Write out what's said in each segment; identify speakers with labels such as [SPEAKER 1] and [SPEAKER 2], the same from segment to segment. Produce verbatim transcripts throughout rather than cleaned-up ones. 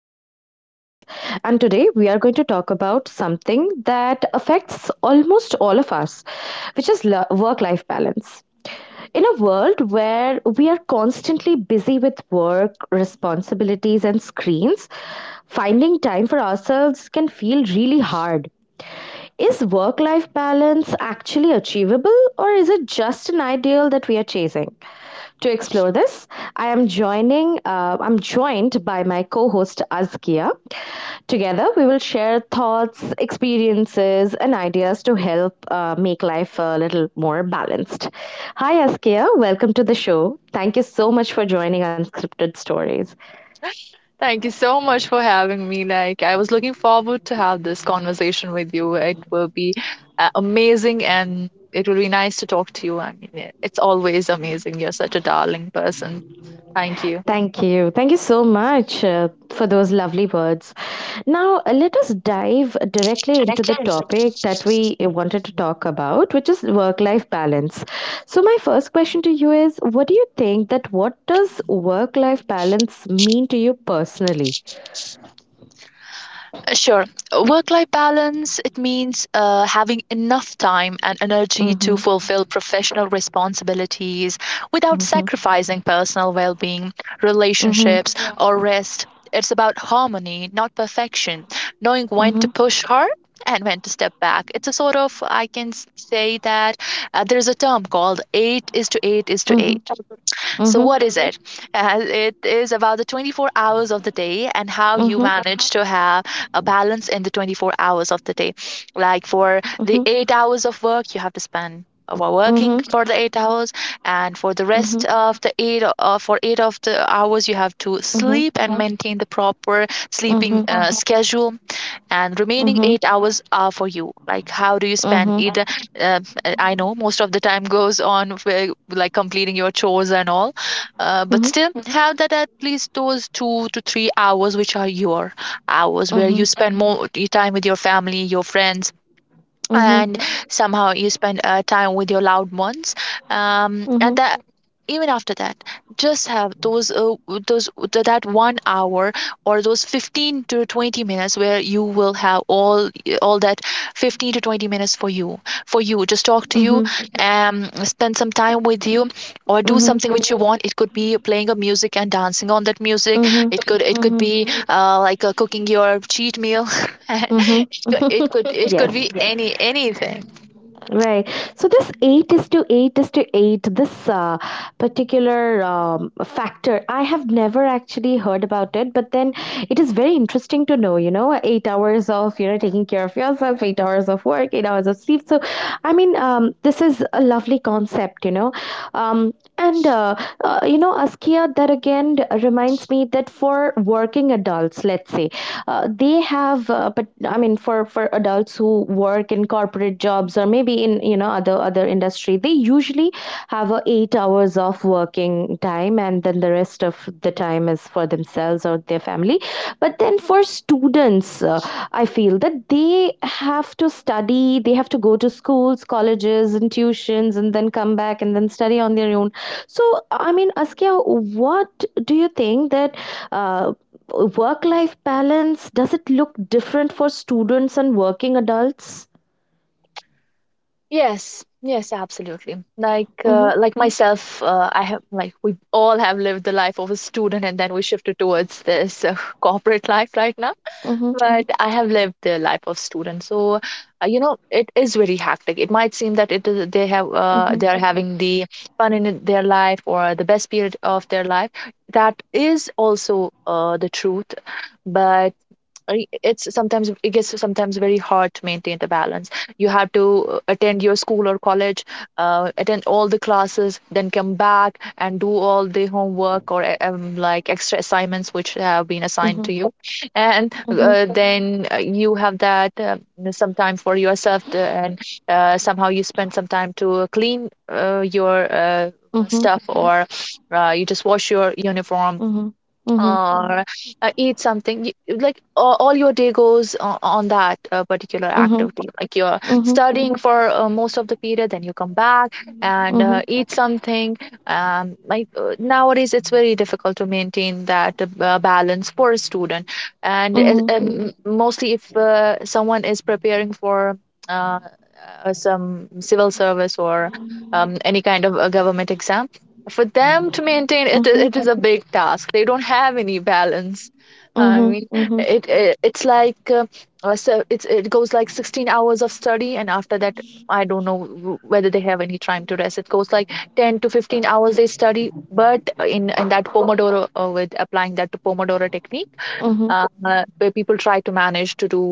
[SPEAKER 1] Unscripted Stories. And today we are going to talk about something that affects almost all of us, which is work life balance. In a world where we are constantly busy with work, responsibilities, and screens, finding time for ourselves can feel really hard. Is work life balance actually achievable or is it just an ideal that we are chasing? To explore this, I am joining uh, I'm joined by my co-host Azkia. Together, we will share thoughts, experiences and ideas to help uh, make life a little more balanced. Hi Azkia, welcome to the show. Thank you so much for joining Unscripted Stories.
[SPEAKER 2] Thank you so much for having me. Like, I was looking forward to have this conversation with you. It will be uh, amazing and it will be nice to talk to you. I mean, it's always amazing. You're such a darling person. Thank you.
[SPEAKER 1] Thank you. Thank you so much uh, for those lovely words. Now, uh, let us dive directly into the topic that we uh, wanted to talk about, which is work life balance. So, my first question to you is what do you think that what does work life balance mean to you personally?
[SPEAKER 2] Uh, Sure. Work life balance, it means uh, having enough time and energy to
[SPEAKER 1] Mm-hmm.
[SPEAKER 2] fulfill professional responsibilities without
[SPEAKER 1] Mm-hmm.
[SPEAKER 2] sacrificing personal well being,
[SPEAKER 1] Mm-hmm.
[SPEAKER 2] relationships, or rest. It's about harmony, not perfection, knowing when
[SPEAKER 1] Mm-hmm.
[SPEAKER 2] to push hard and when to step back. It's a sort of, I can s- say that uh, there's a term called eight is to eight is to
[SPEAKER 1] Mm-hmm.
[SPEAKER 2] eight. So,
[SPEAKER 1] Mm-hmm.
[SPEAKER 2] what is it? Uh, it is about the twenty-four hours of the day and how you
[SPEAKER 1] Mm-hmm.
[SPEAKER 2] manage to have a balance in the twenty-four hours of the day. Like for the
[SPEAKER 1] Mm-hmm.
[SPEAKER 2] eight hours of work, you have to spend uh, while working
[SPEAKER 1] Mm-hmm.
[SPEAKER 2] for the eight hours, and for the
[SPEAKER 1] Mm-hmm.
[SPEAKER 2] rest of the eight, uh, for eight of the hours you have to
[SPEAKER 1] Mm-hmm.
[SPEAKER 2] sleep and maintain the proper sleeping
[SPEAKER 1] Mm-hmm.
[SPEAKER 2] uh, schedule, and remaining
[SPEAKER 1] Mm-hmm.
[SPEAKER 2] eight hours are for you, like how do you spend
[SPEAKER 1] Mm-hmm.
[SPEAKER 2] either. uh, I know most of the time goes on with, like, completing your chores and all, uh, but
[SPEAKER 1] Mm-hmm.
[SPEAKER 2] still have that at least those two to three hours which are your hours where
[SPEAKER 1] Mm-hmm.
[SPEAKER 2] you spend more time with your family, your friends, and somehow you spend uh, time with your loved ones, um, and
[SPEAKER 1] Mm-hmm.
[SPEAKER 2] that, even after that, just have those uh, those th- that one hour or those fifteen to twenty minutes where you will have all all that fifteen to twenty minutes for you for you just talk to you,
[SPEAKER 1] Mm-hmm.
[SPEAKER 2] um spend some time with you, or do
[SPEAKER 1] Mhm,
[SPEAKER 2] something which you want. It could be playing a music and dancing on that music.
[SPEAKER 1] mhm,
[SPEAKER 2] It could it could
[SPEAKER 1] mhm,
[SPEAKER 2] be uh, like uh, cooking your cheat meal.
[SPEAKER 1] mhm.
[SPEAKER 2] It could it could it
[SPEAKER 1] Yes,
[SPEAKER 2] could be yeah, any anything.
[SPEAKER 1] right. So this eight is to eight is to eight. This uh, particular um, factor, I have never actually heard about it. But then, it is very interesting to know. You know, eight hours of you know taking care of yourself, eight hours of work, eight hours of sleep. So, I mean, um, this is a lovely concept. You know, um, And uh, uh, you know, Askia, that again d- reminds me that for working adults, let's say, uh, they have, uh, but I mean, for for adults who work in corporate jobs or maybe in you know other other industry, they usually have a eight hours of working time, and then the rest of the time is for themselves or their family. But then for students, uh, I feel that they have to study, they have to go to schools, colleges, and tuitions, and then come back and then study on their own. So, I mean, Askia, what do you think that uh, work life balance does it look different for students and working adults?
[SPEAKER 2] Yes. Yes, absolutely. Like
[SPEAKER 1] Mm-hmm,
[SPEAKER 2] uh, like Mm. myself, uh, I have, like, we all have lived the life of a student and then we shifted towards this uh, corporate life right now.
[SPEAKER 1] mm-hmm,
[SPEAKER 2] But I have lived the life of student. So, uh, you know, it is very hectic. It might seem that it is they have uh,
[SPEAKER 1] mm-hmm,
[SPEAKER 2] they are having the fun in their life or the best period of their life. That is also uh, the truth. But I- it's sometimes it gets sometimes very hard to maintain the balance. You have to uh, attend your school or college, uh, attend all the classes, then come back and do all the homework or uh, um, like extra assignments which have been assigned
[SPEAKER 1] mm-hmm,
[SPEAKER 2] to you, and
[SPEAKER 1] mm-hmm,
[SPEAKER 2] uh, then uh, you have that uh, some time for yourself to, and uh, somehow you spend some time to clean uh, your uh,
[SPEAKER 1] mm-hmm,
[SPEAKER 2] stuff or uh, you just wash your uniform
[SPEAKER 1] mm-hmm, mm-hmm,
[SPEAKER 2] or uh, eat something. Y- like a- all your day goes on, on that uh, particular
[SPEAKER 1] mm-hmm,
[SPEAKER 2] activity, like you're
[SPEAKER 1] mm-hmm,
[SPEAKER 2] studying for uh, most of the period, then you come back and
[SPEAKER 1] mm-hmm,
[SPEAKER 2] uh, eat something. Um, like uh, nowadays it's very difficult to maintain that uh, ba- balance for a student. And uh,
[SPEAKER 1] mm-hmm,
[SPEAKER 2] um, mostly if uh, someone is preparing for uh, uh, some civil service or um, any kind of a government exam, for them to maintain it,
[SPEAKER 1] mm-hmm,
[SPEAKER 2] it is a big task. They don't have any balance. I
[SPEAKER 1] mm-hmm,
[SPEAKER 2] mean,
[SPEAKER 1] mm-hmm,
[SPEAKER 2] it, it it's like uh, uh, so it's, it goes like sixteen hours of study, and after that, I don't know w- whether they have any time to rest. It goes like ten to fifteen hours they study, but in in that pomodoro, uh, with applying that to pomodoro technique,
[SPEAKER 1] mm-hmm,
[SPEAKER 2] uh, uh, where people try to manage to do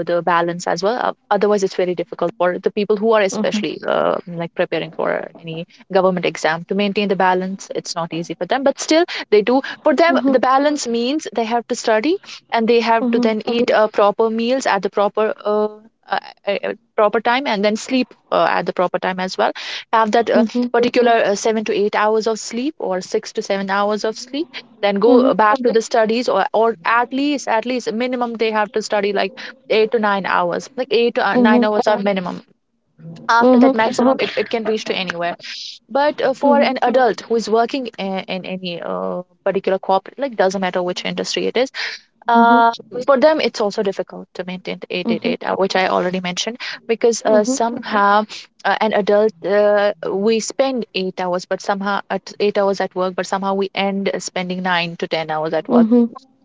[SPEAKER 2] uh, the balance as well. Uh, otherwise, it's very difficult for the people who are
[SPEAKER 1] mm-hmm,
[SPEAKER 2] especially uh, like preparing for any government exam to maintain the balance. It's not easy for them, but still they do. For them,
[SPEAKER 1] mhm,
[SPEAKER 2] the balance means they have to study and they have
[SPEAKER 1] mhm,
[SPEAKER 2] to
[SPEAKER 1] mhm,
[SPEAKER 2] then eat uh, proper meals at the proper. Uh, uh, uh, uh, Proper time, and then sleep uh, at the proper time as well, have that uh, particular uh, seven to eight hours of sleep or six to seven hours of sleep, then
[SPEAKER 1] mhm, mhm,
[SPEAKER 2] go
[SPEAKER 1] mhm,
[SPEAKER 2] back to Okay. the studies, or, or at least, at least minimum they have to study, like eight to nine hours. Like eight to uh,
[SPEAKER 1] mhm,
[SPEAKER 2] nine
[SPEAKER 1] mhm,
[SPEAKER 2] hours are Uh, minimum.
[SPEAKER 1] mhm, mhm,
[SPEAKER 2] After
[SPEAKER 1] mhm, mhm,
[SPEAKER 2] that, maximum, it, it can reach to anywhere. But uh, for an adult who is working in, in any uh, particular corporate, like doesn't matter which industry it is, uh, for them it's also difficult to maintain the eight eight eight, uh, which I already mentioned, because uh, somehow, uh, an adult, uh, we spend eight hours, but somehow at eight hours at work, but somehow we end spending nine to ten hours at work.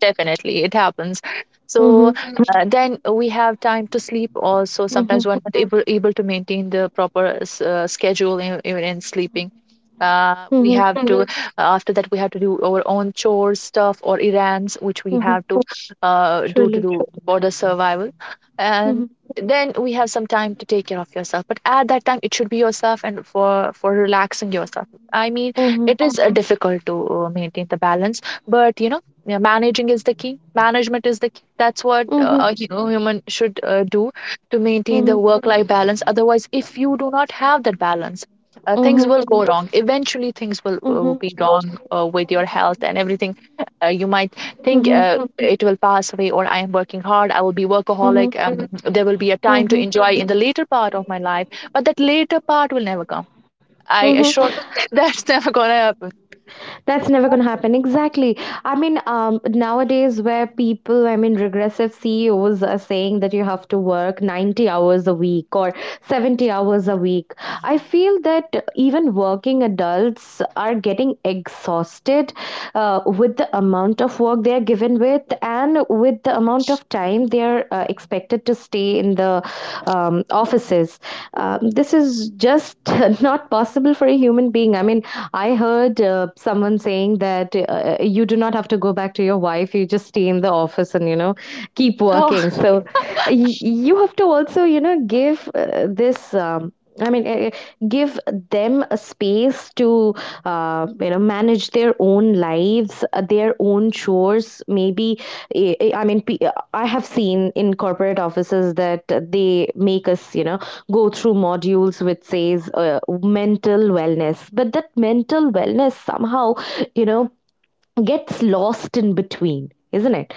[SPEAKER 2] Definitely, it happens. So uh, then we have time to sleep. Also,
[SPEAKER 1] mhm,
[SPEAKER 2] sometimes
[SPEAKER 1] mhm,
[SPEAKER 2] we're not able able to maintain the proper s- uh, schedule in, even in sleeping. Uh, we
[SPEAKER 1] mhm,
[SPEAKER 2] have to, Mhm. after that, we have to do our own chores stuff or errands which we
[SPEAKER 1] mhm.
[SPEAKER 2] have to uh, do to
[SPEAKER 1] Truly.
[SPEAKER 2] do for the survival, and
[SPEAKER 1] Mhm.
[SPEAKER 2] then we have some time to take care of yourself, but at that time it should be yourself and for for relaxing yourself. I mean,
[SPEAKER 1] Mhm.
[SPEAKER 2] it is uh, difficult to uh, maintain the balance, but you know, yeah, managing is the key. Management is the key. That's what
[SPEAKER 1] Mhm.
[SPEAKER 2] uh, a hu- human should uh, do to maintain the
[SPEAKER 1] Mhm.
[SPEAKER 2] work-life balance. Otherwise, if you do not have that balance, uh, things
[SPEAKER 1] Mhm.
[SPEAKER 2] will go wrong. Eventually, things will uh,
[SPEAKER 1] Mhm.
[SPEAKER 2] be wrong uh, with your health and everything. Uh, you might think
[SPEAKER 1] Mhm.
[SPEAKER 2] uh, it will pass away, or I am working hard, I will be
[SPEAKER 1] Mhm.
[SPEAKER 2] workaholic. Um, there will be a time to
[SPEAKER 1] Mhm.
[SPEAKER 2] enjoy in the later part of my life, but that later part will never come. I
[SPEAKER 1] Mhm.
[SPEAKER 2] assure you, that's never gonna happen.
[SPEAKER 1] That's never going to happen. Exactly. I mean, um, nowadays, where people, I mean, regressive C E Os are saying that you have to work ninety hours a week or seventy hours a week, I feel that even working adults are getting exhausted uh, with the amount of work they are given with and with the amount of time they are uh, expected to stay in the um, offices. Um, this is just not possible for a human being. I mean, I heard uh, someone saying that uh, you do not have to go back to your wife. You just stay in the office and, you know, keep
[SPEAKER 2] So
[SPEAKER 1] working. So y- you have to also, you know, give uh, this. Um, I mean, uh, give them a space to, uh, you know, manage their own lives, uh, their own chores. Maybe, eh, eh, I mean, pe- I have seen in corporate offices that they make us, you know, go through modules which says uh, mental wellness, but that mental wellness somehow you know gets lost in between, isn't it?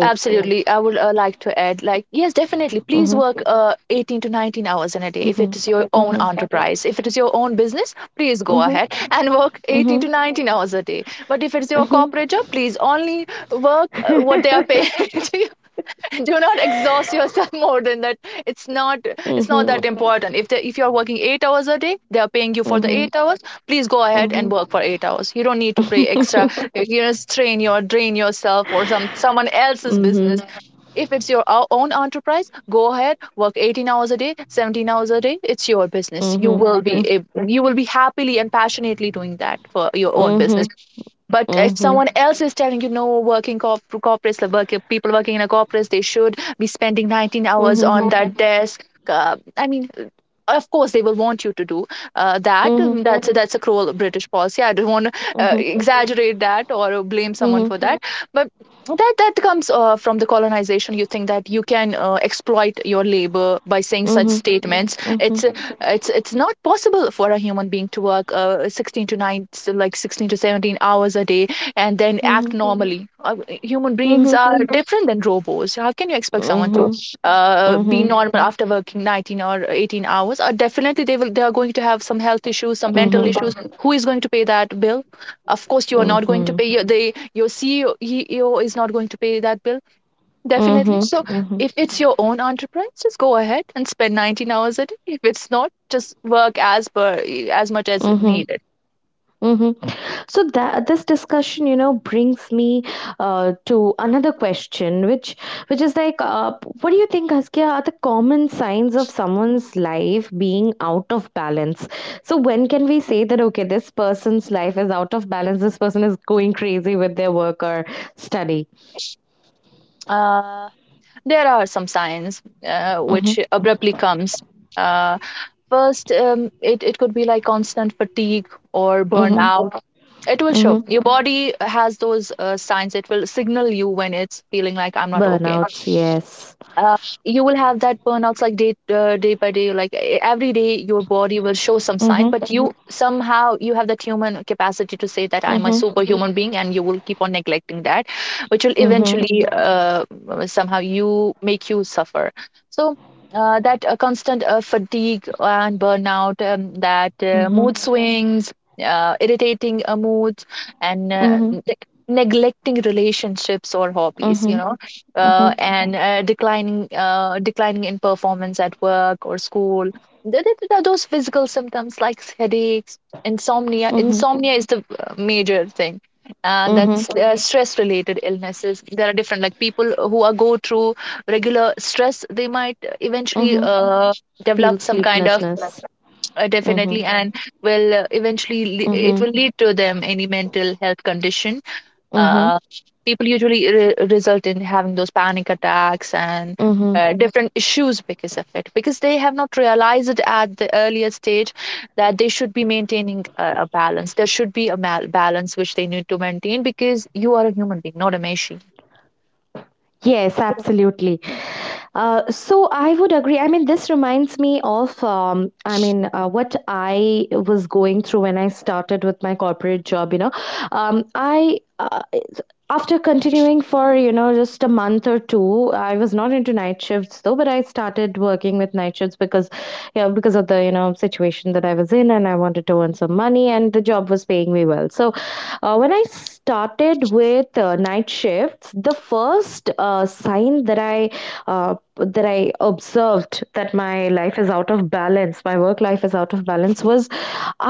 [SPEAKER 2] yes, absolutely. I would uh, like to add, like, yes, definitely, please
[SPEAKER 1] mhm,
[SPEAKER 2] work uh, eighteen to nineteen hours in a day if it
[SPEAKER 1] mhm,
[SPEAKER 2] is your own
[SPEAKER 1] mhm,
[SPEAKER 2] enterprise. If it is your own business, please go
[SPEAKER 1] mhm,
[SPEAKER 2] ahead and work
[SPEAKER 1] mhm,
[SPEAKER 2] eighteen to nineteen hours a day. But if it's your
[SPEAKER 1] mhm,
[SPEAKER 2] corporate job, please only work uh, what they are paying to you. Do not exhaust yourself more than that. it's not it's not
[SPEAKER 1] mhm,
[SPEAKER 2] that important. If the, if you're working eight hours a day, they are paying you for the
[SPEAKER 1] mhm,
[SPEAKER 2] eight hours. Please go ahead and
[SPEAKER 1] mhm,
[SPEAKER 2] work for eight hours. You don't need to pay extra, you know, strain your drain yourself or some someone else's business.
[SPEAKER 1] mhm,
[SPEAKER 2] If it's your own enterprise, go ahead, work eighteen hours a day, seventeen hours a day. It's your business. You
[SPEAKER 1] mhm,
[SPEAKER 2] will
[SPEAKER 1] mhm,
[SPEAKER 2] be you will be happily and passionately doing that for your own business.
[SPEAKER 1] mhm,
[SPEAKER 2] But if
[SPEAKER 1] mhm,
[SPEAKER 2] someone else is telling you, no, working corp- corporates, the work, people working in a corporate, they should be spending nineteen hours
[SPEAKER 1] mhm,
[SPEAKER 2] on
[SPEAKER 1] mhm,
[SPEAKER 2] that Mhm. desk. Uh, I mean, of course, they will want you to do uh, that.
[SPEAKER 1] mhm,
[SPEAKER 2] um, That's that's a cruel British policy. I don't want to uh, exaggerate that or blame
[SPEAKER 1] mhm, mhm,
[SPEAKER 2] someone
[SPEAKER 1] mhm,
[SPEAKER 2] for that. But that that comes uh, from the colonization. You think that you can uh, exploit your labor by saying such statements. it's
[SPEAKER 1] mhm,
[SPEAKER 2] uh, it's it's not possible for a human being to work uh, sixteen to nine so like sixteen to seventeen hours a day and then act normally. Uh, human beings
[SPEAKER 1] mhm,
[SPEAKER 2] are different than robots. How can you expect someone to uh, be
[SPEAKER 1] mhm,
[SPEAKER 2] normal after working nineteen or eighteen hours? Uh, definitely they will they are going to have some health issues, some mental
[SPEAKER 1] mhm,
[SPEAKER 2] issues. Who is going to pay that bill? Of course you are
[SPEAKER 1] mhm,
[SPEAKER 2] not going to
[SPEAKER 1] mhm.
[SPEAKER 2] pay. Your, they your CEO, C E O is not going to pay that bill. Definitely.
[SPEAKER 1] Mhm,
[SPEAKER 2] So Mhm.
[SPEAKER 1] mhm,
[SPEAKER 2] if it's your own enterprise, just go ahead and spend nineteen hours a day. If it's not, just work as per, as much as
[SPEAKER 1] mhm,
[SPEAKER 2] needed.
[SPEAKER 1] mhm. So that this discussion, you know, brings me uh, to another question, which which is like, uh, what do you think, Askia, are the common signs of someone's life being out of balance? So when can we say that okay, this person's life is out of balance? This person is going crazy with their work or study.
[SPEAKER 2] Uh, there are some signs uh,
[SPEAKER 1] Mm-hmm,
[SPEAKER 2] which abruptly comes. Uh, First, um, it, it could be like constant fatigue or
[SPEAKER 1] mm-hmm,
[SPEAKER 2] burnout. It will show.
[SPEAKER 1] mm-hmm.
[SPEAKER 2] Your body has those uh, signs. It will signal you when it's feeling like I'm not okay.
[SPEAKER 1] Burnouts, yes.
[SPEAKER 2] uh, you will have that burnouts like day uh, day by day, like e- every day your body will show some sign,
[SPEAKER 1] Mm-hmm,
[SPEAKER 2] but you somehow you have that human capacity to say that I'm a
[SPEAKER 1] mm-hmm,
[SPEAKER 2] superhuman being and you will keep on neglecting that, which will
[SPEAKER 1] mm-hmm,
[SPEAKER 2] eventually uh, uh, somehow you make you suffer. So uh, that uh, constant uh, fatigue and burnout, um, that uh,
[SPEAKER 1] mm-hmm,
[SPEAKER 2] mood swings, uh, irritating uh, moods, and uh,
[SPEAKER 1] mm-hmm,
[SPEAKER 2] neg- neglecting relationships or hobbies you
[SPEAKER 1] mm-hmm,
[SPEAKER 2] know
[SPEAKER 1] mm-hmm.
[SPEAKER 2] uh, And uh, declining uh, declining in performance at work or school. Th- th- th- Those physical symptoms like headaches, insomnia.
[SPEAKER 1] Mm-hmm.
[SPEAKER 2] Insomnia is the uh, major thing, and
[SPEAKER 1] Mhm.
[SPEAKER 2] that's uh, stress related illnesses. There are different, like, people who are go through regular stress. They might eventually
[SPEAKER 1] Mhm.
[SPEAKER 2] uh,
[SPEAKER 1] Feel
[SPEAKER 2] develop some kind of uh,
[SPEAKER 1] sleeplessness. Mhm.
[SPEAKER 2] definitely, and will uh, eventually le- it
[SPEAKER 1] Mhm.
[SPEAKER 2] will lead to them any mental health condition.
[SPEAKER 1] Mhm.
[SPEAKER 2] uh, People usually re- result in having those panic attacks and
[SPEAKER 1] Mhm.
[SPEAKER 2] uh, different issues because of it, because they have not realized at the earlier stage that they should be maintaining a, a balance. There should be a mal- balance which they need to maintain, because you are a human being, not a machine.
[SPEAKER 1] Yes, absolutely. Uh, so I would agree. I mean, this reminds me of, um, I mean, uh, what I was going through when I started with my corporate job. You know, um, I uh, after continuing for you know just a month or two, I was not into night shifts though, but I started working with night shifts because, yeah because of the you know situation that I was in, and I wanted to earn some money and the job was paying me well. So, uh, when I started with uh, night shifts, the first uh, sign that i uh, that i observed that my life is out of balance, my work life is out of balance, was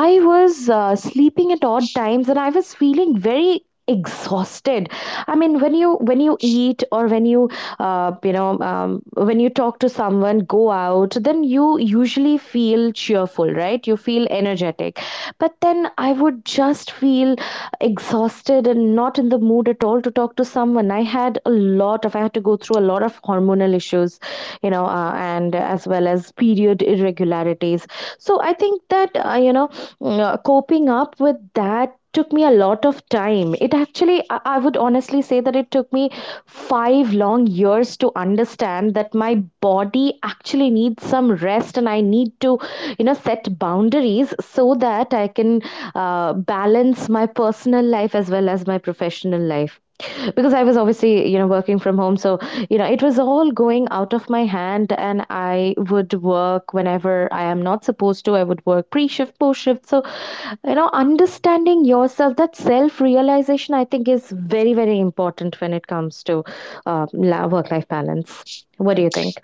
[SPEAKER 1] I was uh, sleeping at odd times and I was feeling very exhausted. I mean, when you when you eat, or when you uh, you know um, when you talk to someone, go out, then you usually feel cheerful, right? You feel energetic. But then I would just feel exhausted and not in the mood at all to talk to someone. i had a lot of I had to go through a lot of hormonal issues, you know uh, and as well as period irregularities. So I think that uh, you know uh, coping up with that took me a lot of time it actually I I would honestly say that it took me five long years to understand that my body actually needs some rest, and I need to you know set boundaries so that I can uh, balance my personal life as well as my professional life, because I was obviously you know working from home. So you know it was all going out of my hand, and I would work whenever I am not supposed to. I would work pre-shift, post-shift. So you know understanding yourself, that self-realization, I think, is very very important when it comes to uh, work-life balance. What do you think?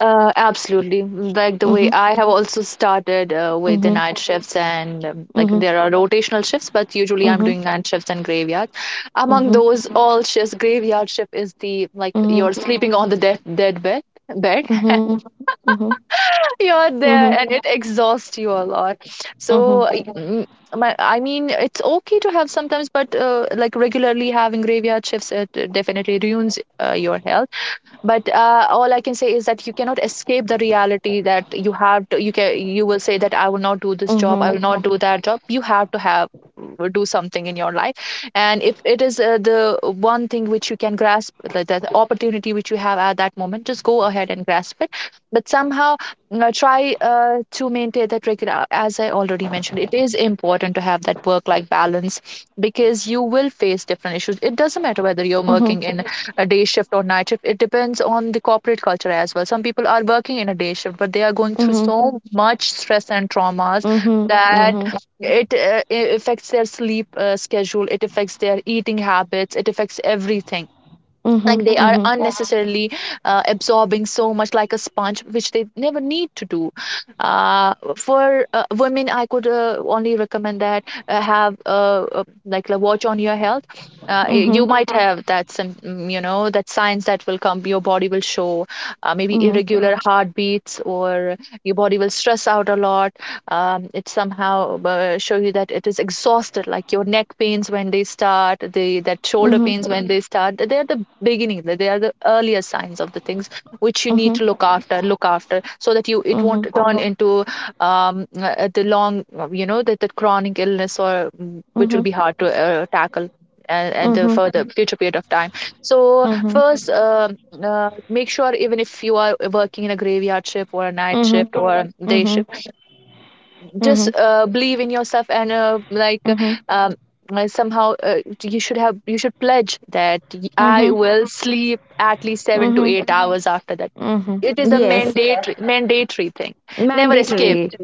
[SPEAKER 2] Uh, absolutely. Mm, like the
[SPEAKER 1] Mm-hmm,
[SPEAKER 2] way I have also started uh, with the
[SPEAKER 1] mm-hmm,
[SPEAKER 2] night shifts, and um, like
[SPEAKER 1] mm-hmm,
[SPEAKER 2] there are rotational shifts, but usually I'm
[SPEAKER 1] mm-hmm,
[SPEAKER 2] doing night shifts and graveyard. Among
[SPEAKER 1] mm-hmm,
[SPEAKER 2] those all shifts, graveyard shift is the, like,
[SPEAKER 1] mm-hmm,
[SPEAKER 2] you're sleeping on the death dead bed bed.
[SPEAKER 1] mm-hmm, mm-hmm,
[SPEAKER 2] You're
[SPEAKER 1] mm-hmm,
[SPEAKER 2] there, and it exhausts you a lot. So.
[SPEAKER 1] mm-hmm,
[SPEAKER 2] I- mm, My, I mean, it's okay to have sometimes, but uh, like regularly having graveyard shifts, it uh, definitely ruins uh, your health. But uh, all I can say is that you cannot escape the reality that you have to you can you will say that I will not do this job, I
[SPEAKER 1] mm-hmm,
[SPEAKER 2] will not do that job. You have to have uh, do something in your life, and if it is uh, the one thing which you can grasp, like that opportunity which you have at that moment, just go ahead and grasp it. But somehow uh, try uh, to maintain that regular, uh, as I already mentioned, it is important to have that work life balance, because you will face different issues. It doesn't matter whether you're
[SPEAKER 1] mm-hmm,
[SPEAKER 2] working in a day shift or night shift. It depends on the corporate culture as well. Some people are working in a day shift, but they are going through
[SPEAKER 1] mm-hmm,
[SPEAKER 2] so much stress and traumas
[SPEAKER 1] mm-hmm, mm-hmm,
[SPEAKER 2] that
[SPEAKER 1] mm-hmm,
[SPEAKER 2] it, uh, it affects their sleep uh, schedule, it affects their eating habits, it affects everything. Like they are Mhm.
[SPEAKER 1] mm-hmm,
[SPEAKER 2] unnecessarily uh, absorbing so much, like a sponge, which they never need to do. uh, for uh, women, I could uh, only recommend that uh, have uh, uh, like a watch on your health. Uh,
[SPEAKER 1] mm-hmm,
[SPEAKER 2] y-
[SPEAKER 1] mm-hmm,
[SPEAKER 2] you might Mhm. have that some mm, you know, that signs that will come, your body will show. Uh, maybe irregular heartbeats, or your body will stress out a lot. Um, it somehow uh, show you that it is exhausted. Like your neck pains when they start, the that shoulder
[SPEAKER 1] mm-hmm,
[SPEAKER 2] pains when they start, they are the beginning, they they are the earlier signs of the things which you need
[SPEAKER 1] mm-hmm.
[SPEAKER 2] to look after look after, so that you it won't
[SPEAKER 1] Mhm,
[SPEAKER 2] turn into um, uh, the long, uh, you know, that the chronic illness, or mm, which will
[SPEAKER 1] mhm,
[SPEAKER 2] be hard to uh, tackle and, and the
[SPEAKER 1] mhm,
[SPEAKER 2] further future period of time. So
[SPEAKER 1] mhm,
[SPEAKER 2] first um uh, make sure even if you are working in a graveyard shift or a night
[SPEAKER 1] mhm,
[SPEAKER 2] shift or a day
[SPEAKER 1] mhm,
[SPEAKER 2] shift, just
[SPEAKER 1] mhm,
[SPEAKER 2] uh, believe in yourself and uh, like uh,
[SPEAKER 1] mhm,
[SPEAKER 2] um, uh, somehow uh, you should have you should pledge that y- I
[SPEAKER 1] mhm,
[SPEAKER 2] will sleep at least seven to
[SPEAKER 1] mhm,
[SPEAKER 2] eight hours after that.
[SPEAKER 1] mhm.
[SPEAKER 2] It is a
[SPEAKER 1] Yes,
[SPEAKER 2] mandatory mandatory thing. Never escape.
[SPEAKER 1] mandatory.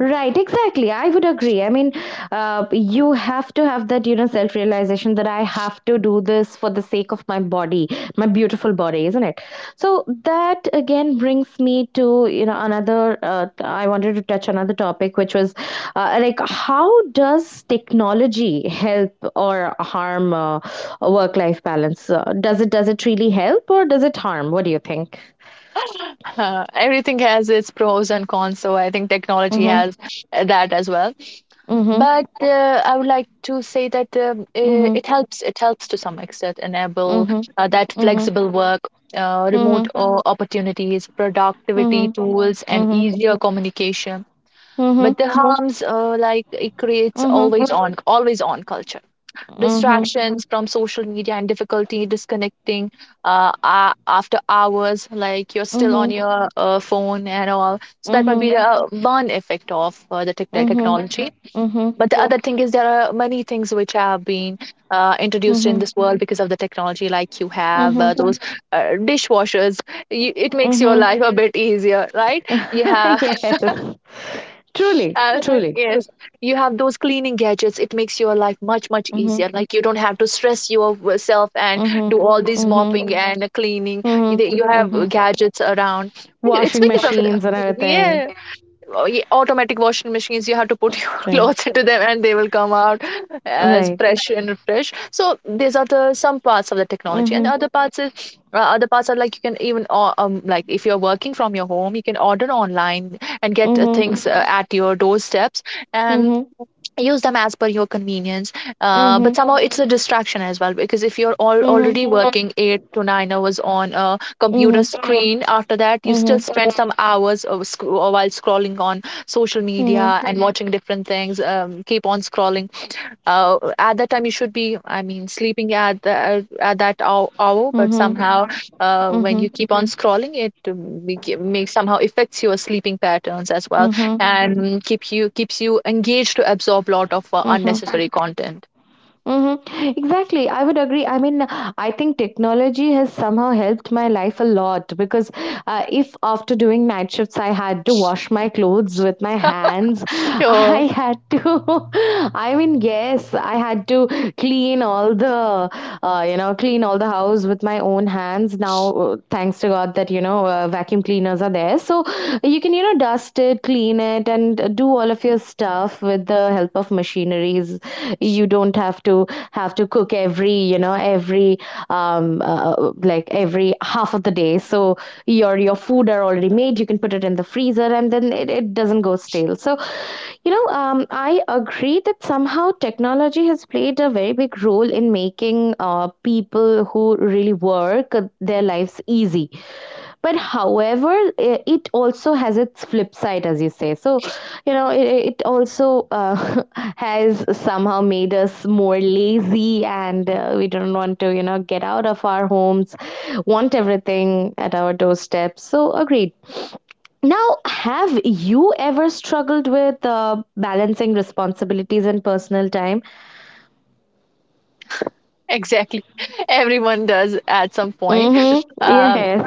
[SPEAKER 1] Right, exactly. I would agree. I mean, uh, you have to have that, you know, self realization that I have to do this for the sake of my body, my beautiful body, isn't it? So that again brings me to, you know, another. Uh, I wanted to touch another topic, which was uh, like, how does technology help or harm uh, a work life balance? Uh, does it does it really help or does it harm? What do you think?
[SPEAKER 2] Uh, everything has its pros and cons, so I think technology
[SPEAKER 1] Mm-hmm.
[SPEAKER 2] has uh, that as well.
[SPEAKER 1] Mm-hmm.
[SPEAKER 2] But uh, I would like to say that um, uh,
[SPEAKER 1] Mm-hmm.
[SPEAKER 2] it helps. It helps to some extent, enable
[SPEAKER 1] Mm-hmm.
[SPEAKER 2] uh, that
[SPEAKER 1] Mm-hmm.
[SPEAKER 2] flexible work, uh,
[SPEAKER 1] Mm-hmm.
[SPEAKER 2] remote o- opportunities, productivity
[SPEAKER 1] Mm-hmm.
[SPEAKER 2] tools, and
[SPEAKER 1] Mhm.
[SPEAKER 2] easier communication.
[SPEAKER 1] Mhm.
[SPEAKER 2] But the harms, uh, like it creates
[SPEAKER 1] Mhm.
[SPEAKER 2] always on, always on culture,
[SPEAKER 1] Mhm.
[SPEAKER 2] distractions from social media, and difficulty disconnecting uh, a- after hours. Like you're still on
[SPEAKER 1] Mhm.
[SPEAKER 2] your uh, phone and all. So that might be
[SPEAKER 1] Mhm.
[SPEAKER 2] the uh, one effect of uh, the tech- tech-
[SPEAKER 1] Mhm.
[SPEAKER 2] technology.
[SPEAKER 1] Mhm.
[SPEAKER 2] But the Yeah. other thing is, there are many things which have been uh, introduced in
[SPEAKER 1] Mhm.
[SPEAKER 2] this world because of the technology, like you have uh,
[SPEAKER 1] Mhm.
[SPEAKER 2] Mm. those uh, dishwashers. You, it makes your
[SPEAKER 1] Mhm.
[SPEAKER 2] life a bit easier, right? You have
[SPEAKER 1] Yes. Truly.
[SPEAKER 2] uh,
[SPEAKER 1] Truly.
[SPEAKER 2] yes, you have those cleaning gadgets. It makes your life much much
[SPEAKER 1] Mhm.
[SPEAKER 2] easier. Like you don't have to stress yourself and do
[SPEAKER 1] Mhm.
[SPEAKER 2] all this
[SPEAKER 1] Mhm.
[SPEAKER 2] mopping and cleaning. You,
[SPEAKER 1] Mhm.
[SPEAKER 2] you have
[SPEAKER 1] Mhm.
[SPEAKER 2] gadgets around. It's
[SPEAKER 1] Washing
[SPEAKER 2] because of the,
[SPEAKER 1] machines and everything.
[SPEAKER 2] washing, oh, ye- automatic washing machines, you have to put your
[SPEAKER 1] Right.
[SPEAKER 2] clothes into them and they will come out as
[SPEAKER 1] Right.
[SPEAKER 2] fresh and fresh. So these are the some parts of the technology, and
[SPEAKER 1] Mhm.
[SPEAKER 2] other parts is uh, other parts are, like, you can even or- um, like if you're working from your home, you can order online and get uh,
[SPEAKER 1] Mhm.
[SPEAKER 2] things uh, at your doorsteps and
[SPEAKER 1] Mhm.
[SPEAKER 2] use them as per your convenience. Uh, but
[SPEAKER 1] Mhm.
[SPEAKER 2] somehow it's a distraction as well, because if you're all
[SPEAKER 1] Mhm.
[SPEAKER 2] already working eight to nine hours on a computer
[SPEAKER 1] Mhm.
[SPEAKER 2] screen, after that you still
[SPEAKER 1] Mhm.
[SPEAKER 2] spend some hours of sc- while scrolling on social
[SPEAKER 1] Mhm.
[SPEAKER 2] media and watching different things, um, keep on scrolling. Uh, at that time you should be, I mean, sleeping at the, at that hour, hour, but
[SPEAKER 1] Mhm.
[SPEAKER 2] somehow hmm uh, when you
[SPEAKER 1] Mhm.
[SPEAKER 2] keep on scrolling it, um, be- ge- may somehow affects your sleeping patterns as well, hmm
[SPEAKER 1] Mhm.
[SPEAKER 2] and keep you keeps you engaged to absorb lot of uh,
[SPEAKER 1] Mhm.
[SPEAKER 2] unnecessary content.
[SPEAKER 1] Mhm. Exactly. I would agree. I mean, I think technology has somehow helped my life a lot, because uh, if after doing night shifts I had to wash my clothes with my hands,
[SPEAKER 2] Sure.
[SPEAKER 1] I had to, I mean, yes, I had to clean all the, uh, you know, clean all the the house with my own hands. Now, uh, thanks to god that you know uh, vacuum cleaners are there, so you can you know dust it, clean it, and uh, do all of your stuff with the help of machineries. You don't have to have to cook every you know every um uh, like every half of the day, so your your food are already made, you can put it in the freezer, and then it, it doesn't go stale. So you know um, I agree that somehow technology has played a very big role in making uh, people who really work uh, their lives easy. But however, i- it also has its flip side, as you say. So you know it, it also uh, has somehow made us more lazy, and uh, we don't want to you know get out of our homes, want everything at our doorstep. So, agreed. Now, have you ever struggled with uh, balancing responsibilities and personal time?
[SPEAKER 2] Exactly. Everyone does at some point.
[SPEAKER 1] Mhm.
[SPEAKER 2] Um,
[SPEAKER 1] Yes.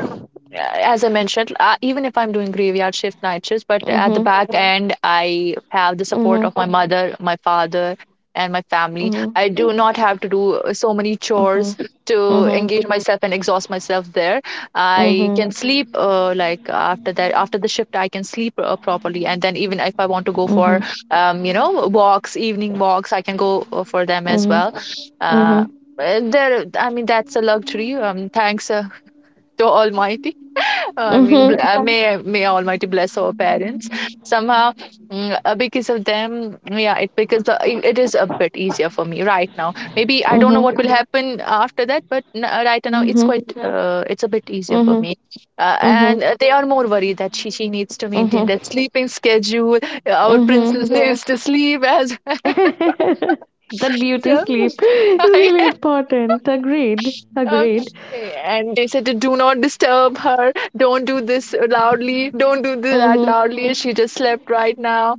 [SPEAKER 2] as I mentioned, uh, even if I'm doing graveyard shift night shifts, but at the
[SPEAKER 1] Mhm,
[SPEAKER 2] back end, I have the support
[SPEAKER 1] mhm,
[SPEAKER 2] of my mother, my father, and my family. I
[SPEAKER 1] mhm,
[SPEAKER 2] do not have to do uh, so many
[SPEAKER 1] mhm,
[SPEAKER 2] chores to
[SPEAKER 1] mhm,
[SPEAKER 2] engage myself and exhaust myself there. I
[SPEAKER 1] mhm,
[SPEAKER 2] can sleep uh, like after that, after the shift, I can sleep uh, properly. And then, even if I want to go for,
[SPEAKER 1] mhm,
[SPEAKER 2] um, you know, walks, evening walks, I can go uh, for them as
[SPEAKER 1] mhm,
[SPEAKER 2] well.
[SPEAKER 1] mhm,
[SPEAKER 2] Uh, uh, There, I mean, that's a luxury. Um, thanks uh, to Almighty. I mean,
[SPEAKER 1] mhm,
[SPEAKER 2] bl- uh, may may Almighty bless our parents somehow. Mm, uh, because of them, yeah, it because uh, it it is a bit easier for me right now. Maybe I don't know
[SPEAKER 1] mhm,
[SPEAKER 2] what will happen after that, but n- uh, right now it's quite uh, it's a bit easier for
[SPEAKER 1] mhm,
[SPEAKER 2] me. Uh,
[SPEAKER 1] mhm, mhm,
[SPEAKER 2] and uh, they are more worried that she she needs to maintain
[SPEAKER 1] mhm,
[SPEAKER 2] that sleeping schedule. Our
[SPEAKER 1] mhm.
[SPEAKER 2] princess needs to sleep as well.
[SPEAKER 1] That beauty
[SPEAKER 2] So
[SPEAKER 1] sleep is really important. Agreed.
[SPEAKER 2] um,
[SPEAKER 1] Agreed.
[SPEAKER 2] and they said, "Do not disturb her. Don't do this loudly. Don't do th- that
[SPEAKER 1] Mhm.
[SPEAKER 2] loudly. She just slept right now."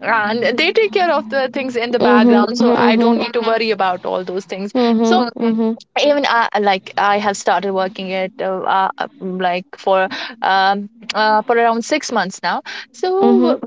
[SPEAKER 2] And they take care of the things in the
[SPEAKER 1] Mhm.
[SPEAKER 2] background, so I don't
[SPEAKER 1] Mhm.
[SPEAKER 2] need to worry about all those things.
[SPEAKER 1] Mhm.
[SPEAKER 2] So,
[SPEAKER 1] Mhm.
[SPEAKER 2] even uh, like, I have started working at uh, uh, uh, mm, like for um uh, for around six months now.
[SPEAKER 1] Mhm.
[SPEAKER 2] So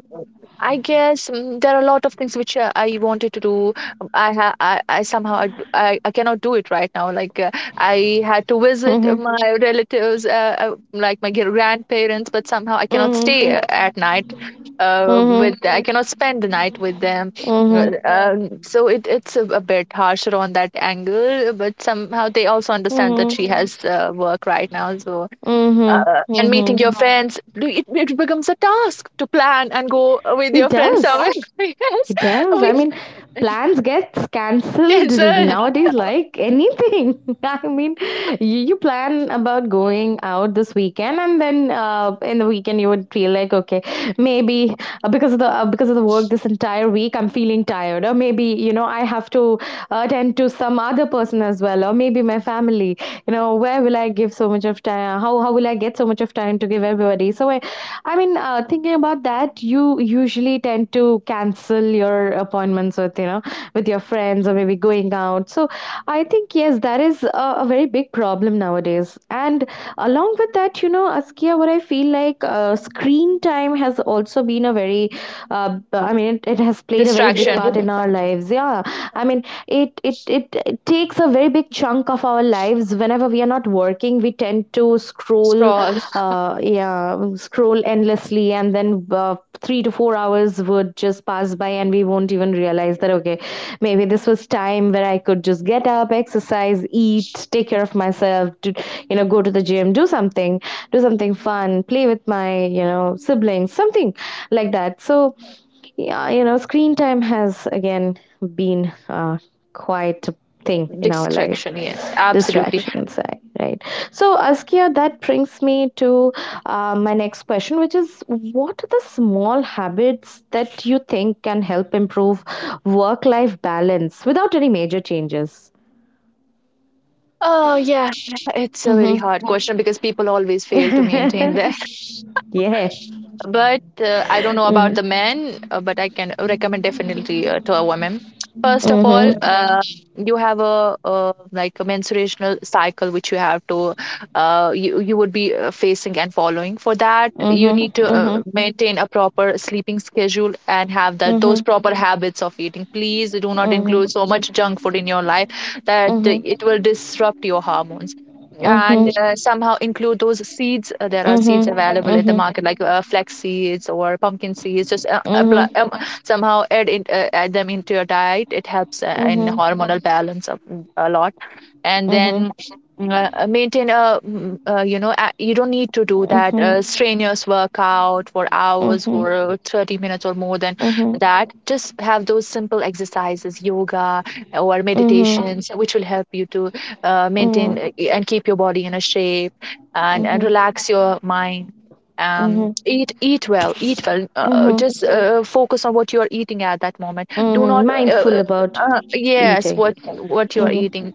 [SPEAKER 2] I guess, mm, there are a lot of things which uh, I wanted to do. Um, I ha I, I somehow I, d- I I cannot do it right now. Like uh, I had to visit uh,
[SPEAKER 1] Mhm.
[SPEAKER 2] my relatives, uh, uh, like my gr- grandparents, but somehow I cannot
[SPEAKER 1] Mhm.
[SPEAKER 2] stay uh, at night. Uh, with
[SPEAKER 1] Mhm.
[SPEAKER 2] I cannot spend the night with them. uh,
[SPEAKER 1] Mhm.
[SPEAKER 2] Yeah. Um, so it it's a, a bit harsher on that angle, but somehow they also understand that
[SPEAKER 1] Mhm.
[SPEAKER 2] she, mm, has uh, work right now. So
[SPEAKER 1] Mhm.
[SPEAKER 2] uh, and meeting
[SPEAKER 1] Mhm.
[SPEAKER 2] your, yeah, friends, do- it it becomes a task to plan and go with
[SPEAKER 1] It
[SPEAKER 2] your friends
[SPEAKER 1] does.
[SPEAKER 2] somewhere. Yes,
[SPEAKER 1] It does. I
[SPEAKER 2] we
[SPEAKER 1] mean, plans gets cancelled
[SPEAKER 2] cancel.
[SPEAKER 1] nowadays like anything. I mean, you, you plan about going out this weekend, and then uh, in the weekend you would feel like, okay, maybe uh, because of the uh, because of the work this entire week, I'm feeling tired, or maybe you know I have to attend to some other person as well, or maybe my family. You know, where will I give so much of time? How how will I get so much of time to give everybody? So I I mean, uh, thinking about that, you usually tend to cancel your appointments with you know with your friends or maybe going out. So I think yes, that is a, a very big problem nowadays. And along with that, you know, Askia, what I feel like uh, screen time has also been a very, uh, I mean, it, it has played a very big
[SPEAKER 2] Distraction,
[SPEAKER 1] part in our lives. Yeah, I mean, it, it it it takes a very big chunk of our lives. Whenever we are not working, we tend to scroll
[SPEAKER 2] straw
[SPEAKER 1] uh, yeah, scroll endlessly, and then uh, three to four hours would just pass by, and we won't even realize that okay, maybe this was time where I could just get up, exercise, eat, take care of myself, to you know, go to the gym, do something, do something fun, play with my you know siblings, something like that. So yeah, you know, screen time has again been uh, quite a thing in our life.
[SPEAKER 2] distraction. Yes, absolutely.
[SPEAKER 1] Distractions, right? Right. So, Askia, that brings me to uh, my next question, which is what are the small habits that you think can help improve work life balance without any major changes?
[SPEAKER 2] Oh yeah, it's a very
[SPEAKER 1] Mm-hmm.
[SPEAKER 2] hard question because people always fail to maintain their.
[SPEAKER 1] Yeah.
[SPEAKER 2] But uh, I don't know
[SPEAKER 1] Mm-hmm.
[SPEAKER 2] about the men, uh, but I can recommend definitely uh, to a woman. First of all,
[SPEAKER 1] Mm-hmm.
[SPEAKER 2] okay, uh, you have a uh, like a menstruational cycle which you have to uh, you you would be uh, facing and following. For that, you
[SPEAKER 1] Mm-hmm.
[SPEAKER 2] need to uh,
[SPEAKER 1] Mm-hmm.
[SPEAKER 2] maintain a proper sleeping schedule and have that
[SPEAKER 1] Mm-hmm.
[SPEAKER 2] those proper habits of eating. Please do not
[SPEAKER 1] Mm-hmm.
[SPEAKER 2] include so much junk food in your life, that
[SPEAKER 1] Mm-hmm.
[SPEAKER 2] uh, it will disrupt your hormones,
[SPEAKER 1] Mm-hmm.
[SPEAKER 2] and uh, somehow include those seeds. Uh, there are seeds available in the
[SPEAKER 1] Mm-hmm.
[SPEAKER 2] market, like uh, flax seeds or pumpkin seeds. Just uh,
[SPEAKER 1] Mhm.
[SPEAKER 2] apply, um, somehow add in, uh, add them into your diet. It helps uh, in
[SPEAKER 1] Mhm.
[SPEAKER 2] hormonal balance of, mm, a lot, and
[SPEAKER 1] Mhm.
[SPEAKER 2] then. Uh, uh, maintain a mm, uh, you know a- you don't need to do that
[SPEAKER 1] Mhm.
[SPEAKER 2] uh, strenuous workout for hours
[SPEAKER 1] Mhm.
[SPEAKER 2] for uh, thirty minutes or more than
[SPEAKER 1] Mhm.
[SPEAKER 2] that. Just have those simple exercises, yoga or
[SPEAKER 1] Mhm.
[SPEAKER 2] meditations, which will help you to uh, maintain
[SPEAKER 1] Mhm.
[SPEAKER 2] uh, and keep your body in a shape and, and
[SPEAKER 1] Mhm.
[SPEAKER 2] relax your mind. um
[SPEAKER 1] Mhm.
[SPEAKER 2] eat eat well eat well uh,
[SPEAKER 1] Mhm.
[SPEAKER 2] Just uh, focus on what you are eating at that moment. Do
[SPEAKER 1] Mhm.
[SPEAKER 2] not uh, uh,
[SPEAKER 1] Mindful about
[SPEAKER 2] uh, yes,
[SPEAKER 1] eating.
[SPEAKER 2] what what you are
[SPEAKER 1] Mhm.
[SPEAKER 2] eating.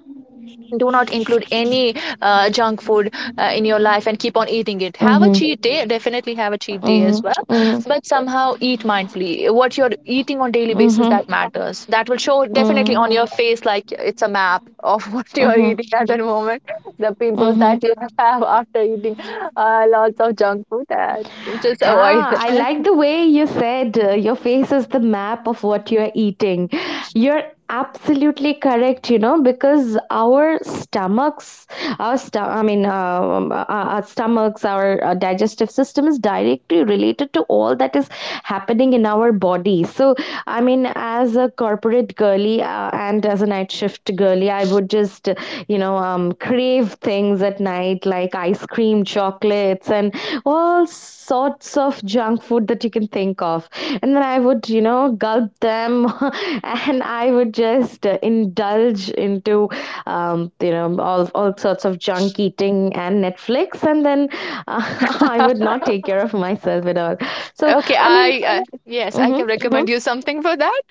[SPEAKER 2] Do not include any uh, junk food uh, in your life and keep on eating it. Have a
[SPEAKER 1] Mhm.
[SPEAKER 2] cheat day, definitely have a cheat day as
[SPEAKER 1] Mhm.
[SPEAKER 2] well,
[SPEAKER 1] Mhm.
[SPEAKER 2] but somehow eat mindfully. What you're eating on daily basis,
[SPEAKER 1] Mhm.
[SPEAKER 2] that matters. That will show definitely
[SPEAKER 1] Mhm.
[SPEAKER 2] on your face, like it's a map of what you're
[SPEAKER 1] Mhm.
[SPEAKER 2] eating at that moment, the pimples
[SPEAKER 1] Mhm.
[SPEAKER 2] that you have after eating uh, lots of junk food, and just avoid
[SPEAKER 1] Ah, I
[SPEAKER 2] that.
[SPEAKER 1] like the way you said uh, your face is the map of what you're eating. You're absolutely correct, you know, because our stomachs, our sto- I mean, uh, um, our our stomachs, our uh, digestive system is directly related to all that is happening in our body. So, I mean, as a corporate girly uh, and as a night shift girly, I would just just you know um, crave things at night like ice cream chocolates and all sorts of junk food that you can think of, and then I would you know gulp them. And I would just uh, indulge into um, you know all, all sorts of junk eating and Netflix, and then uh, I would not take care of myself at all. So
[SPEAKER 2] Okay, so
[SPEAKER 1] I mean,
[SPEAKER 2] I uh, yeah, yes, I
[SPEAKER 1] hmm.
[SPEAKER 2] can, mhm, recommend you something for that.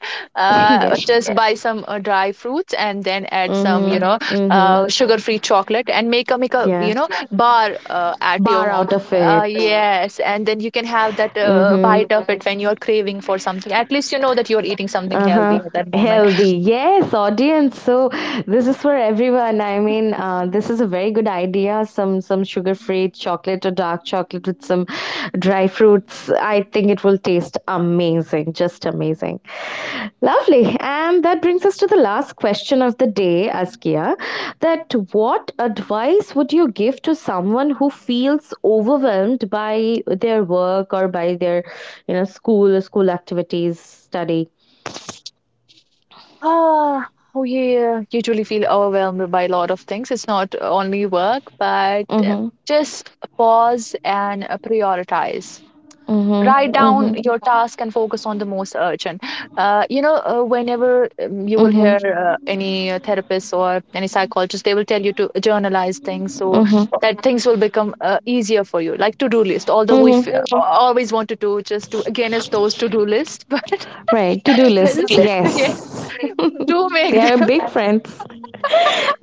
[SPEAKER 2] Uh,
[SPEAKER 1] Yes.
[SPEAKER 2] just buy some uh, dry fruits and then add some, you
[SPEAKER 1] Mm-hmm.
[SPEAKER 2] know,
[SPEAKER 1] Mm-hmm.
[SPEAKER 2] uh, sugar-free chocolate and make a make a,
[SPEAKER 1] Yeah.
[SPEAKER 2] you know, bar uh, at your
[SPEAKER 1] Bar
[SPEAKER 2] home.
[SPEAKER 1] out of
[SPEAKER 2] Uh,
[SPEAKER 1] it.
[SPEAKER 2] yes, and then you can have that uh,
[SPEAKER 1] Mm-hmm.
[SPEAKER 2] bite of it when you're craving for something. At least you know that you're eating something healthy
[SPEAKER 1] Uh-huh.
[SPEAKER 2] at that moment.
[SPEAKER 1] Healthy, yes. Audience, so this is for everyone. I mean, uh, this is a very good idea. Some some sugar free chocolate or dark chocolate with some dry fruits, I think it will taste amazing, just amazing. Lovely. And that brings us to the last question of the day, Askia, that what advice would you give to someone who feels overwhelmed by their work or by their you know school or school activities, study.
[SPEAKER 2] Ah, oh yeah, usually feel overwhelmed by a lot of things. It's not only work, but uh,
[SPEAKER 1] Mhm.
[SPEAKER 2] just pause and uh, prioritize.
[SPEAKER 1] Mhm.
[SPEAKER 2] Write down
[SPEAKER 1] Mhm.
[SPEAKER 2] your task and focus on the most urgent. Uh, you know uh, whenever um, you will
[SPEAKER 1] Mhm.
[SPEAKER 2] hear uh, any uh, therapist or any psychologist, they will tell you to journalize things, so
[SPEAKER 1] Mhm.
[SPEAKER 2] that things will become uh, easier for you, like to-do list. Although we
[SPEAKER 1] Mhm.
[SPEAKER 2] f- uh, always want to do, just to again, it's those to-do list, but
[SPEAKER 1] Right, to-do lists,
[SPEAKER 2] yeah,
[SPEAKER 1] yes.
[SPEAKER 2] do make
[SPEAKER 1] They are
[SPEAKER 2] them.
[SPEAKER 1] big friends.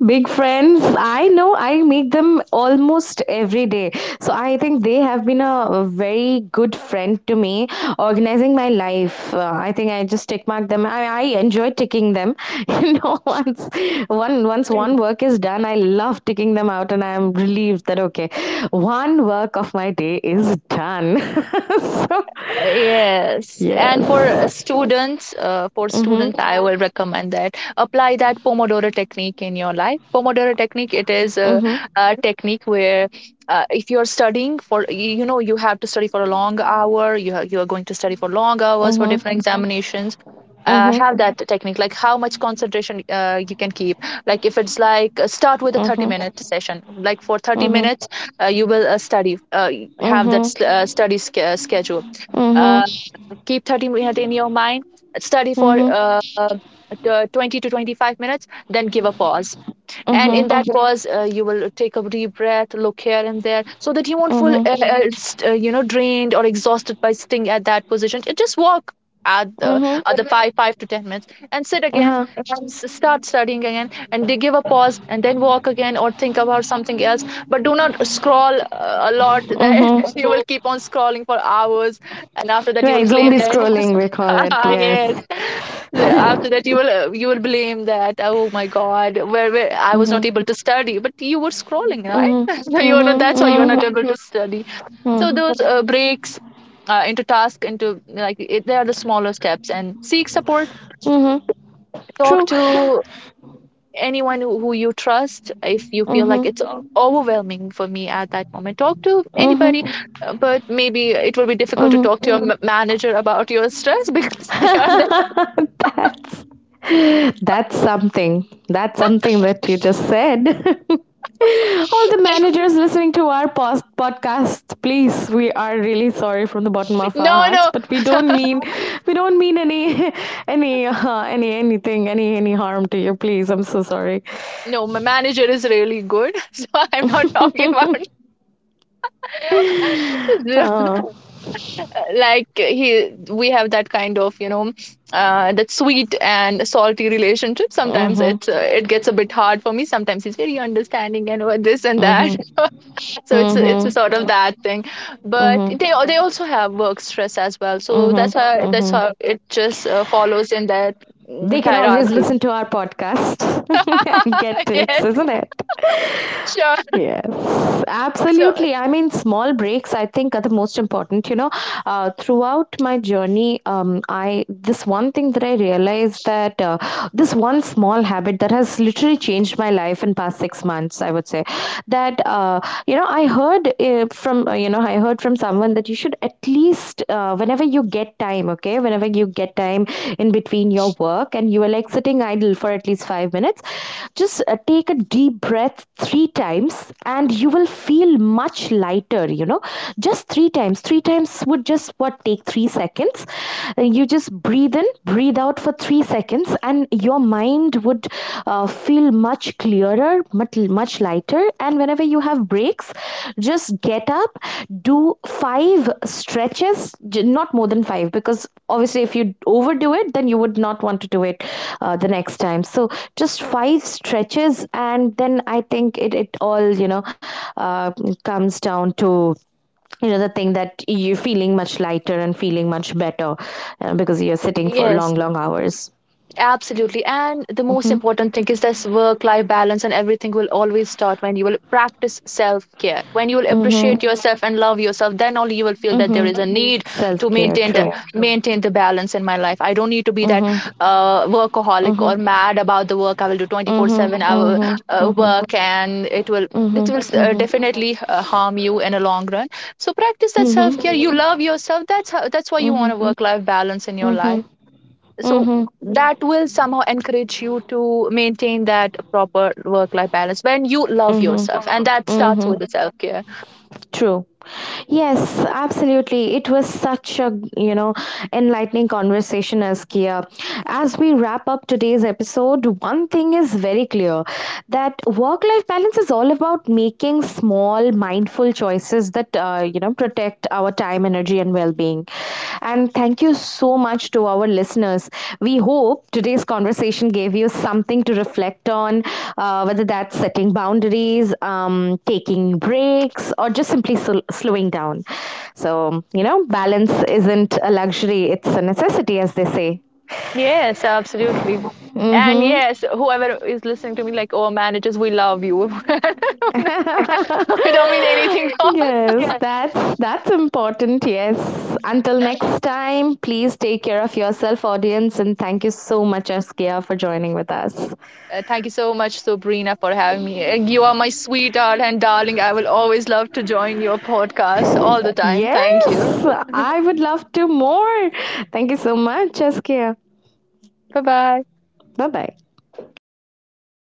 [SPEAKER 1] Big friends. I know I make them almost every day. So I think they have been a very good friend to me, organizing my life. Uh, I think I just tick mark them. I, I enjoy ticking them. You know, once one once one work is done, I love ticking them out, and I am relieved that okay, one work of my day is done. So
[SPEAKER 2] Yes, and for uh,
[SPEAKER 1] yes.
[SPEAKER 2] students, uh, for
[SPEAKER 1] Mm-hmm.
[SPEAKER 2] students, I will recommend that apply that Pomodoro technique in your life. Pomodoro technique, it is a,
[SPEAKER 1] Mm-hmm.
[SPEAKER 2] a technique where uh, if you're studying for, you you know, you have to study for a long hour, you, ha- you are going to study for long hours for
[SPEAKER 1] Mm-hmm.
[SPEAKER 2] different, mhm, examinations. Uh,
[SPEAKER 1] Mm-hmm.
[SPEAKER 2] have that technique, like how much concentration uh, you can keep. Like if it's like uh, start with a 30
[SPEAKER 1] Mm-hmm.
[SPEAKER 2] minute session, like for thirty
[SPEAKER 1] Mm-hmm.
[SPEAKER 2] minutes, uh, you will uh, study, uh, y- have that
[SPEAKER 1] Mm-hmm.
[SPEAKER 2] st- uh, study sch- uh, schedule, uh,
[SPEAKER 1] Mm-hmm.
[SPEAKER 2] keep thirty minutes in your mind, study
[SPEAKER 1] Mm-hmm.
[SPEAKER 2] for
[SPEAKER 1] Mm-hmm.
[SPEAKER 2] uh, uh, twenty to twenty-five minutes, then give a pause, and
[SPEAKER 1] Mm-hmm.
[SPEAKER 2] in that, mhm, pause, uh, you will take a deep breath, look here and there so that you won't feel uh, uh, st- uh, you know drained or exhausted by sitting at that position. Ju- just walk at the
[SPEAKER 1] Mm-hmm.
[SPEAKER 2] other, mhm, five five to ten minutes and sit again
[SPEAKER 1] Uh-huh.
[SPEAKER 2] and s- start studying again, and they give a pause and then walk again or think about something else, but do not scroll uh, a lot there.
[SPEAKER 1] Mm-hmm.
[SPEAKER 2] You will keep on scrolling for hours, and after that you will
[SPEAKER 1] Right,
[SPEAKER 2] claim
[SPEAKER 1] zombie
[SPEAKER 2] that
[SPEAKER 1] scrolling, we call it, yes.
[SPEAKER 2] yes, after that you will uh, you will blame that, oh my god, where, where I was not
[SPEAKER 1] Mm-hmm.
[SPEAKER 2] able to study, but you were scrolling, right?
[SPEAKER 1] Mm-hmm.
[SPEAKER 2] So you are not,
[SPEAKER 1] Mm-hmm.
[SPEAKER 2] that's why you're
[SPEAKER 1] Mm-hmm.
[SPEAKER 2] not able to study. So
[SPEAKER 1] Mm-hmm.
[SPEAKER 2] those uh, breaks uh, into task, into like it, they are the smaller steps, and seek support.
[SPEAKER 1] Mm-hmm.
[SPEAKER 2] Talk
[SPEAKER 1] True.
[SPEAKER 2] to anyone who, who you trust. If you feel like
[SPEAKER 1] Mm-hmm.
[SPEAKER 2] it's o- overwhelming for me at that moment, talk to anybody,
[SPEAKER 1] Mm-hmm.
[SPEAKER 2] uh, but maybe it will be difficult to
[SPEAKER 1] Mm-hmm.
[SPEAKER 2] talk to your m- manager about your stress. Because they are the,
[SPEAKER 1] that's that's something. That's something that you just said. All the managers listening to our post- podcast, please, we are really sorry from the bottom of our
[SPEAKER 2] no,
[SPEAKER 1] hearts,
[SPEAKER 2] no.
[SPEAKER 1] but we don't mean we don't mean any any uh, any anything any any harm to you. Please, I'm so sorry.
[SPEAKER 2] No, my manager is really good, so I'm not talking
[SPEAKER 1] uh,
[SPEAKER 2] about, like he. We have that kind of, you know, uh, that sweet and salty relationship. Sometimes
[SPEAKER 1] mhm,
[SPEAKER 2] it's uh, it gets a bit hard for me. Sometimes he's very understanding and uh, this and that.
[SPEAKER 1] mhm,
[SPEAKER 2] So it's it's a
[SPEAKER 1] mhm,
[SPEAKER 2] sort of that thing. But
[SPEAKER 1] mhm,
[SPEAKER 2] they they also have work stress as well. So
[SPEAKER 1] mhm,
[SPEAKER 2] that's how, that's
[SPEAKER 1] mhm.
[SPEAKER 2] how it just uh, follows in that, mm,
[SPEAKER 1] They can always
[SPEAKER 2] hierarchy.
[SPEAKER 1] listen to our podcast. And get tips,
[SPEAKER 2] Yes,
[SPEAKER 1] isn't it?
[SPEAKER 2] sure.
[SPEAKER 1] Yes,
[SPEAKER 2] So
[SPEAKER 1] absolutely. I mean, small breaks I think are the most important. You know, uh, throughout my journey, um, I this one thing that I realized that uh, this one small habit that has literally changed my life in past six months. I would say that uh, you know I heard uh, from uh, you know I heard from someone that you should at least uh, whenever whenever you get time, okay, whenever you get time in between your work and you are like sitting idle for at least five minutes, just uh, take a deep breath three times and you will feel much lighter, you know. Just three times. Three times would just what take three seconds. Uh, You just breathe in, breathe out for three seconds, and your mind would uh, uh, feel much clearer, much, much lighter. And whenever you have breaks, just get up, do five stretches, not more than five, because obviously, if you overdo it, then you would not want to do it uh, the next time. So, just five stretches, and then I think it, it all, you know, uh, comes down to you know the thing that you're feeling much lighter and feeling much better uh, because you're sitting for
[SPEAKER 2] yes,
[SPEAKER 1] long long hours.
[SPEAKER 2] absolutely. And the most
[SPEAKER 1] Mm-hmm.
[SPEAKER 2] important thing is this work life balance, and everything will always start when you will practice self care. When you will
[SPEAKER 1] Mm-hmm.
[SPEAKER 2] appreciate yourself and love yourself, then only you will feel that there
[SPEAKER 1] Mm-hmm.
[SPEAKER 2] is a need
[SPEAKER 1] Self
[SPEAKER 2] to
[SPEAKER 1] care,
[SPEAKER 2] maintain the,
[SPEAKER 1] true.
[SPEAKER 2] maintain the balance in my life. I don't need to be that
[SPEAKER 1] Mm-hmm.
[SPEAKER 2] uh, workaholic or
[SPEAKER 1] Mm-hmm.
[SPEAKER 2] mad about the work. I will do
[SPEAKER 1] Mm-hmm.
[SPEAKER 2] twenty-four seven hour
[SPEAKER 1] Mm-hmm.
[SPEAKER 2] uh,
[SPEAKER 1] Mm-hmm.
[SPEAKER 2] work, and it will, it
[SPEAKER 1] Mm-hmm.
[SPEAKER 2] will uh,
[SPEAKER 1] Mm-hmm.
[SPEAKER 2] definitely uh, harm you in a long run. So practice that
[SPEAKER 1] Mm-hmm.
[SPEAKER 2] self care.
[SPEAKER 1] Mm-hmm.
[SPEAKER 2] You love yourself. That's how, that's why you want a work life balance in your
[SPEAKER 1] Mm-hmm.
[SPEAKER 2] life, so
[SPEAKER 1] Mm-hmm.
[SPEAKER 2] that will somehow encourage you to maintain that proper work life balance. When you love
[SPEAKER 1] Mm-hmm.
[SPEAKER 2] yourself, and that starts
[SPEAKER 1] Mm-hmm.
[SPEAKER 2] with the self care.
[SPEAKER 1] True. Yes, absolutely. It was such a, you know, enlightening conversation, Askia. As we wrap up today's episode, one thing is very clear, that work life balance is all about making small, mindful choices that, uh, you know, protect our time, energy, and well being listening. And thank you so much to our listeners. We hope today's conversation gave you something to reflect on, uh, whether that's setting boundaries, um, taking breaks, or just simply sl- slowing down. So, you know, balance isn't a luxury, it's a necessity, as they say.
[SPEAKER 2] Yes, absolutely. And
[SPEAKER 1] Mm-hmm.
[SPEAKER 2] yes, whoever is listening to me, like, oh managers, we love you, I don't mean anything wrong.
[SPEAKER 1] Yes,
[SPEAKER 2] Yes.
[SPEAKER 1] that's that's important. Yes. Until next time, please take care of yourself, audience, and thank you so much, Askia, for joining with us.
[SPEAKER 2] Uh, thank you so much, Sabrina, for having me. Uh, you are my sweetheart and darling. I will always love to join your podcast all the time. Thank you.
[SPEAKER 1] Yes, I would love to more. Thank you so much, Saskia.
[SPEAKER 2] Bye bye.
[SPEAKER 1] Bye bye.